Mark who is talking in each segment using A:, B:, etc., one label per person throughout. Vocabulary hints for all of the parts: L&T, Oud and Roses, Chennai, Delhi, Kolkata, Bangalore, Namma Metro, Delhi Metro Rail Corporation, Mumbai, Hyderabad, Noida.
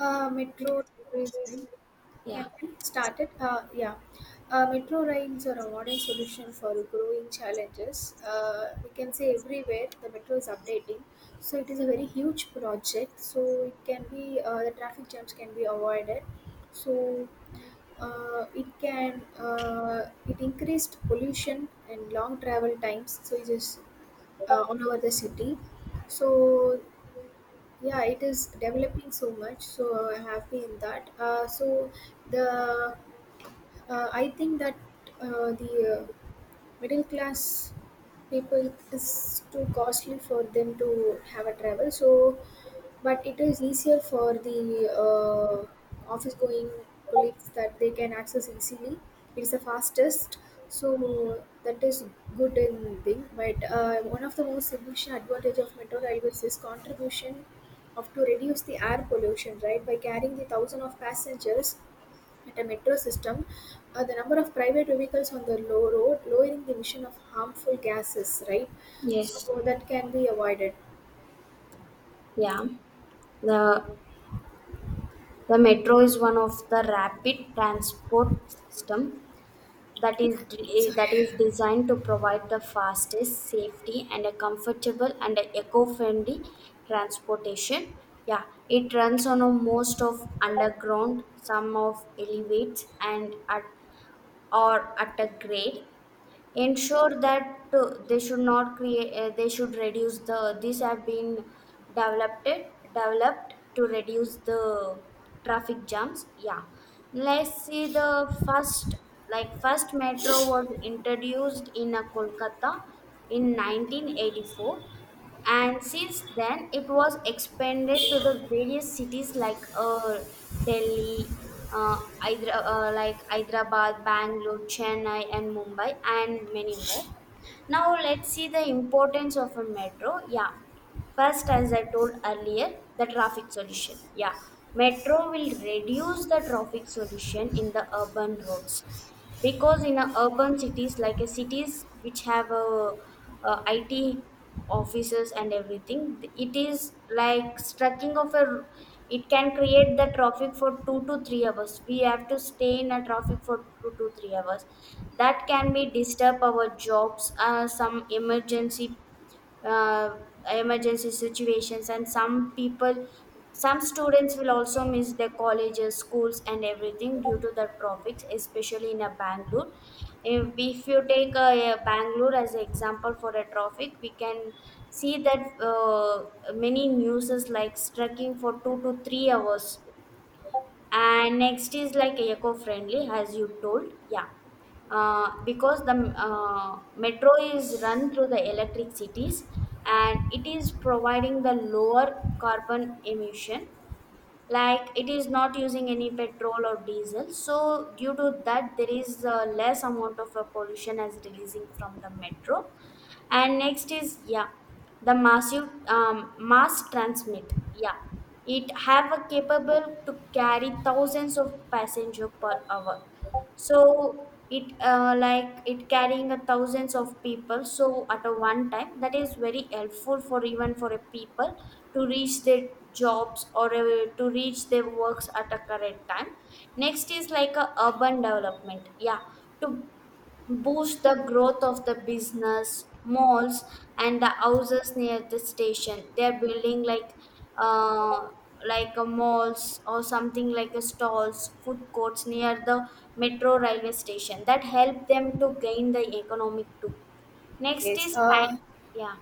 A: Metro Railways, right?
B: Yeah.
A: Can be started. It? Yeah. Metro rails are a modern solution for growing challenges. We can say everywhere the metro is updating, so it is a very huge project. So it can be the traffic jams can be avoided. So it can it increased pollution and long travel times. So it is all over the city. So yeah, it is developing so much. So I have been in that so the I think that the middle class people is too costly for them to have a travel so but it is easier for the office going colleagues that they can access easily. It is the fastest, so that is good in thing. But one of the most significant advantage of metro railways is contribution of to reduce the air pollution, right, by carrying the thousand of passengers at a metro system. The number of private vehicles on the low road, lowering the emission of harmful gases, right? So
B: Yes.
A: that can be avoided.
B: Yeah. The the metro is one of the rapid transport system that that
A: Sorry.
B: is designed to provide the fastest, safety, and a comfortable and a eco-friendly transportation. Yeah, it runs on a most of underground, some of elevates, and at or at a grade ensure that they should not create they should reduce the these have been developed developed to reduce the traffic jams. Yeah, let's see the first like first metro was introduced in kolkata in 1984, and since then it was expanded to the various cities like delhi, like hyderabad, bangalore, chennai and mumbai and many more. Now let's see the importance of a metro. Yeah, first, as I told earlier, the traffic solution. Yeah, metro will reduce the traffic solution in the urban roads, because in a urban cities like a cities which have a, IT offices and everything, it is like stretching of a, it can create the traffic for 2 to 3 hours. We have to stay in a traffic for 2 to 3 hours. That can be disturb our jobs, some emergency uh, emergency situations, and some people, some students will also miss their colleges, schools and everything due to the traffic, especially in a bangalore. If you take a bangalore as an example for a traffic, we can see that many newses like striking for 2 to 3 hours. And next is like eco-friendly, as you told. Yeah, because the metro is run through the electric cities, and it is providing the lower carbon emission. Like, it is not using any petrol or diesel, so due to that there is less amount of pollution as releasing from the metro. And next is, yeah, the massive mass transmit. Yeah, it have a capable to carry thousands of passenger per hour. So it, like it carrying a thousands of people so at a one time, that is very helpful for even for a people to reach their jobs, or to reach their works at a correct time. Next is like a urban development. Yeah, to boost the growth of the business malls and the houses near the station they're building, uh like a malls or something like a stalls, food courts near the metro railway station, that help them to gain the economic too. Next
A: Yes.
B: is
A: Uh,
B: time. Yeah,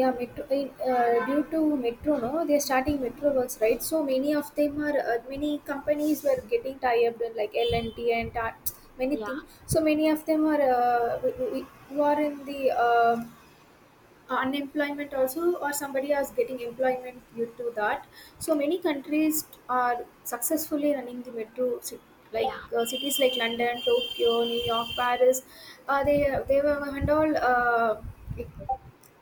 A: yeah, metro, due to metro, no, they're starting metro works, right? So many of them are, many companies were getting tied up in like L&T and T and many
B: yeah,
A: things. So many of them are, who are in the, unemployment also, or somebody else getting employment due to that. So many countries are successfully running the metro like
B: yeah.
A: Cities like London, Tokyo, New York, Paris, uh, they they were and all like,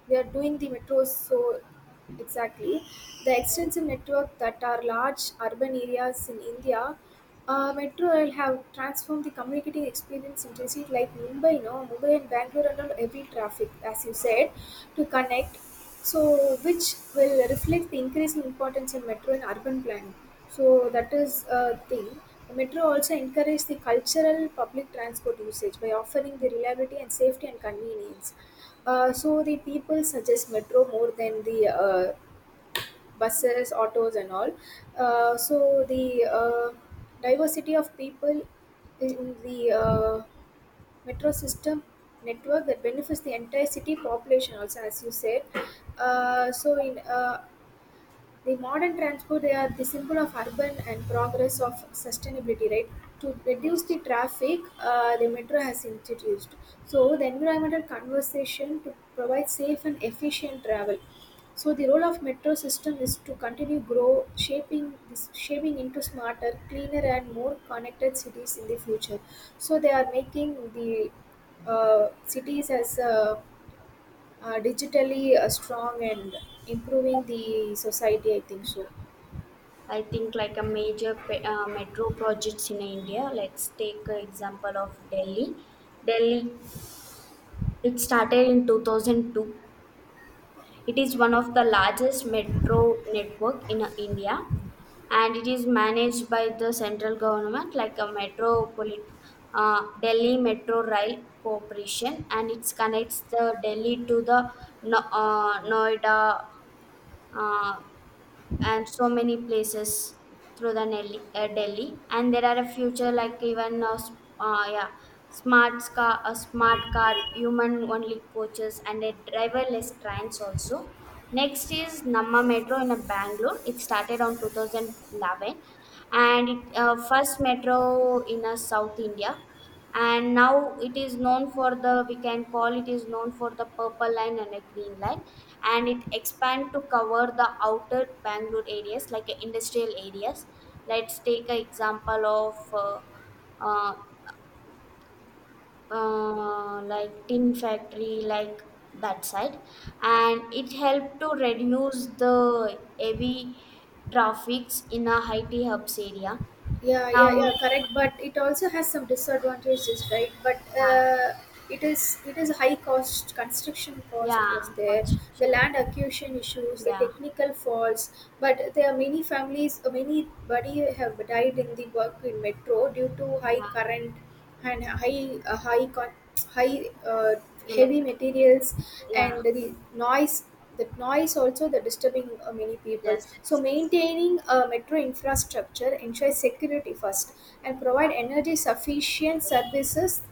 A: they are doing the metros so exactly the extensive network that are large urban areas in India. Metro will have transformed the communicating experience in cities like Mumbai, no Mumbai and Bangalore, and all heavy traffic, as you said, to connect. So, which will reflect the increasing importance of metro in urban planning. So, that is a thing. Metro also encourages the cultural public transport usage by offering the reliability and safety and convenience. So, the people suggest metro more than the buses, autos, and all. So, the diversity of people in the metro system network that benefits the entire city population also, as you said. So in the modern transport, they are the symbol of urban and progress of sustainability, right? To reduce
B: Yes,
A: the traffic, the metro has introduced. So the environmental conversation to provide safe and efficient travel. So the role of metro system is to continue grow, shaping this shaping into smarter, cleaner, and more connected cities in the future. So they are making the cities as digitally strong and improving the society, I think so.
B: I think like a metro projects in india, let's take an example of delhi. delhi It started in 2002. It is one of the largest metro network in India, and it is managed by the central government like a metropolit Delhi Metro Rail Corporation, and it connects the Delhi to the Noida, uh, and so many places through the Delhi, Delhi. And there are a future like even now, yeah, a smart card, human only coaches, and a driverless trains also. Next is Namma Metro in Bangalore. It started on 2011, and it first metro in South India, and now it is known for the, we can call it is known for the purple line and a green line, and it expand to cover the outer bangalore areas like industrial areas. Let's take an example of uh, uh, like tin factory like that side, and it helped to reduce the heavy traffics in a high T hubs area
A: Yeah,
B: now.
A: yeah, yeah, correct, but it also has some disadvantages, right? But
B: Yeah,
A: it is high cost, construction cost was
B: yeah,
A: there, the
B: construction.
A: land acquisition issues, the
B: Yeah,
A: technical faults. But there are many families, many body have died in the work in metro due to high
B: yeah.
A: current and high high con- high heavy
B: Electric.
A: materials, and
B: Yeah.
A: the noise, that noise also the disturbing many people.
B: Yes,
A: So
B: yes, yes.
A: maintaining a metro infrastructure ensures security first and provide
B: Yeah.
A: energy sufficient services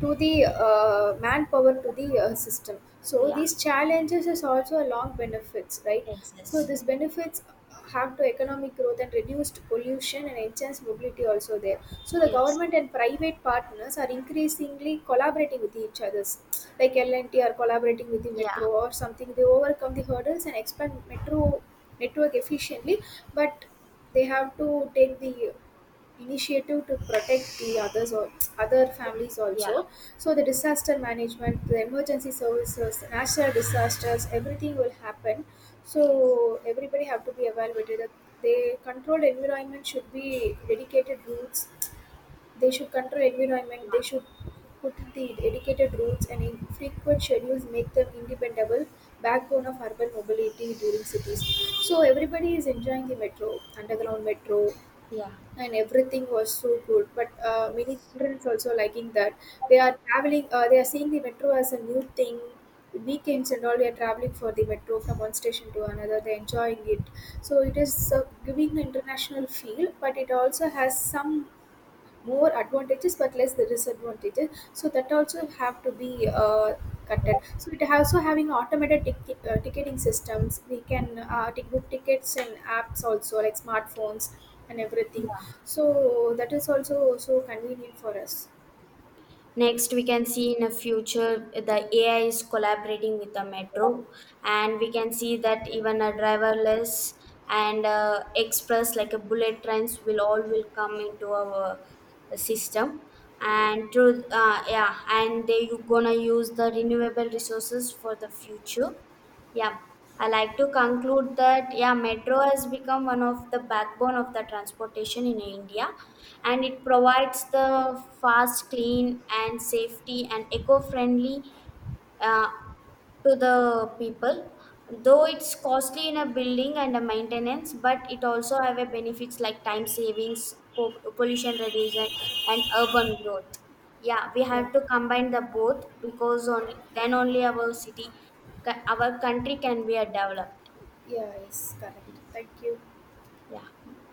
A: to the manpower to the system. So
B: Yeah.
A: these challenges is also a long benefits, right?
B: Yes,
A: So
B: yes.
A: this benefits have to economic growth and reduced pollution and enhanced mobility also there. So the
B: Yes.
A: government and private partners are increasingly collaborating with each others. Like L&T are collaborating with the
B: Yeah.
A: metro or something. They overcome the hurdles and expand metro network efficiently, but they have to take the initiative to protect the others or other families
B: Yeah.
A: also. So the disaster management, the emergency services, natural disasters, everything will happen, so
B: Yes.
A: everybody have to be evaluated. That they controlled environment should be dedicated routes. They should control
B: Yeah.
A: environment. They should put the dedicated routes and infrequent schedules make them independable backbone of urban mobility during cities. So everybody is enjoying the metro, underground metro,
B: Yeah.
A: and everything was so good. But many
B: Yes.
A: children is also liking that. They are traveling, they are seeing the metro as a new thing. Weekends and all, they are traveling for the metro from one station to another, they're enjoying it. So it is giving an international feel, but it also has some more advantages but less the disadvantages, so that also have to be cutted. So it also having automated ticketing systems. We can tick book tickets and apps also like smartphones and everything,
B: Yeah.
A: so that is also so convenient for us.
B: Next, we can see in the future the AI is collaborating with the metro, and we can see that even a driverless and express like a bullet trains will all will come into our system, and through yeah, and they you gonna use the renewable resources for the future. Yeah, I like to conclude that, yeah, metro has become one of the backbone of the transportation in India, and it provides the fast, clean, and safety and eco-friendly uh, to the people. Though it's costly in a building and a maintenance, but it also have a benefits like time savings, pollution reduction, and urban growth. Yeah, we
A: yeah
B: have to combine the both, because only then only our our country can be developed.
A: yeah yes, correct,
B: Yes.
A: thank you.
B: Yeah.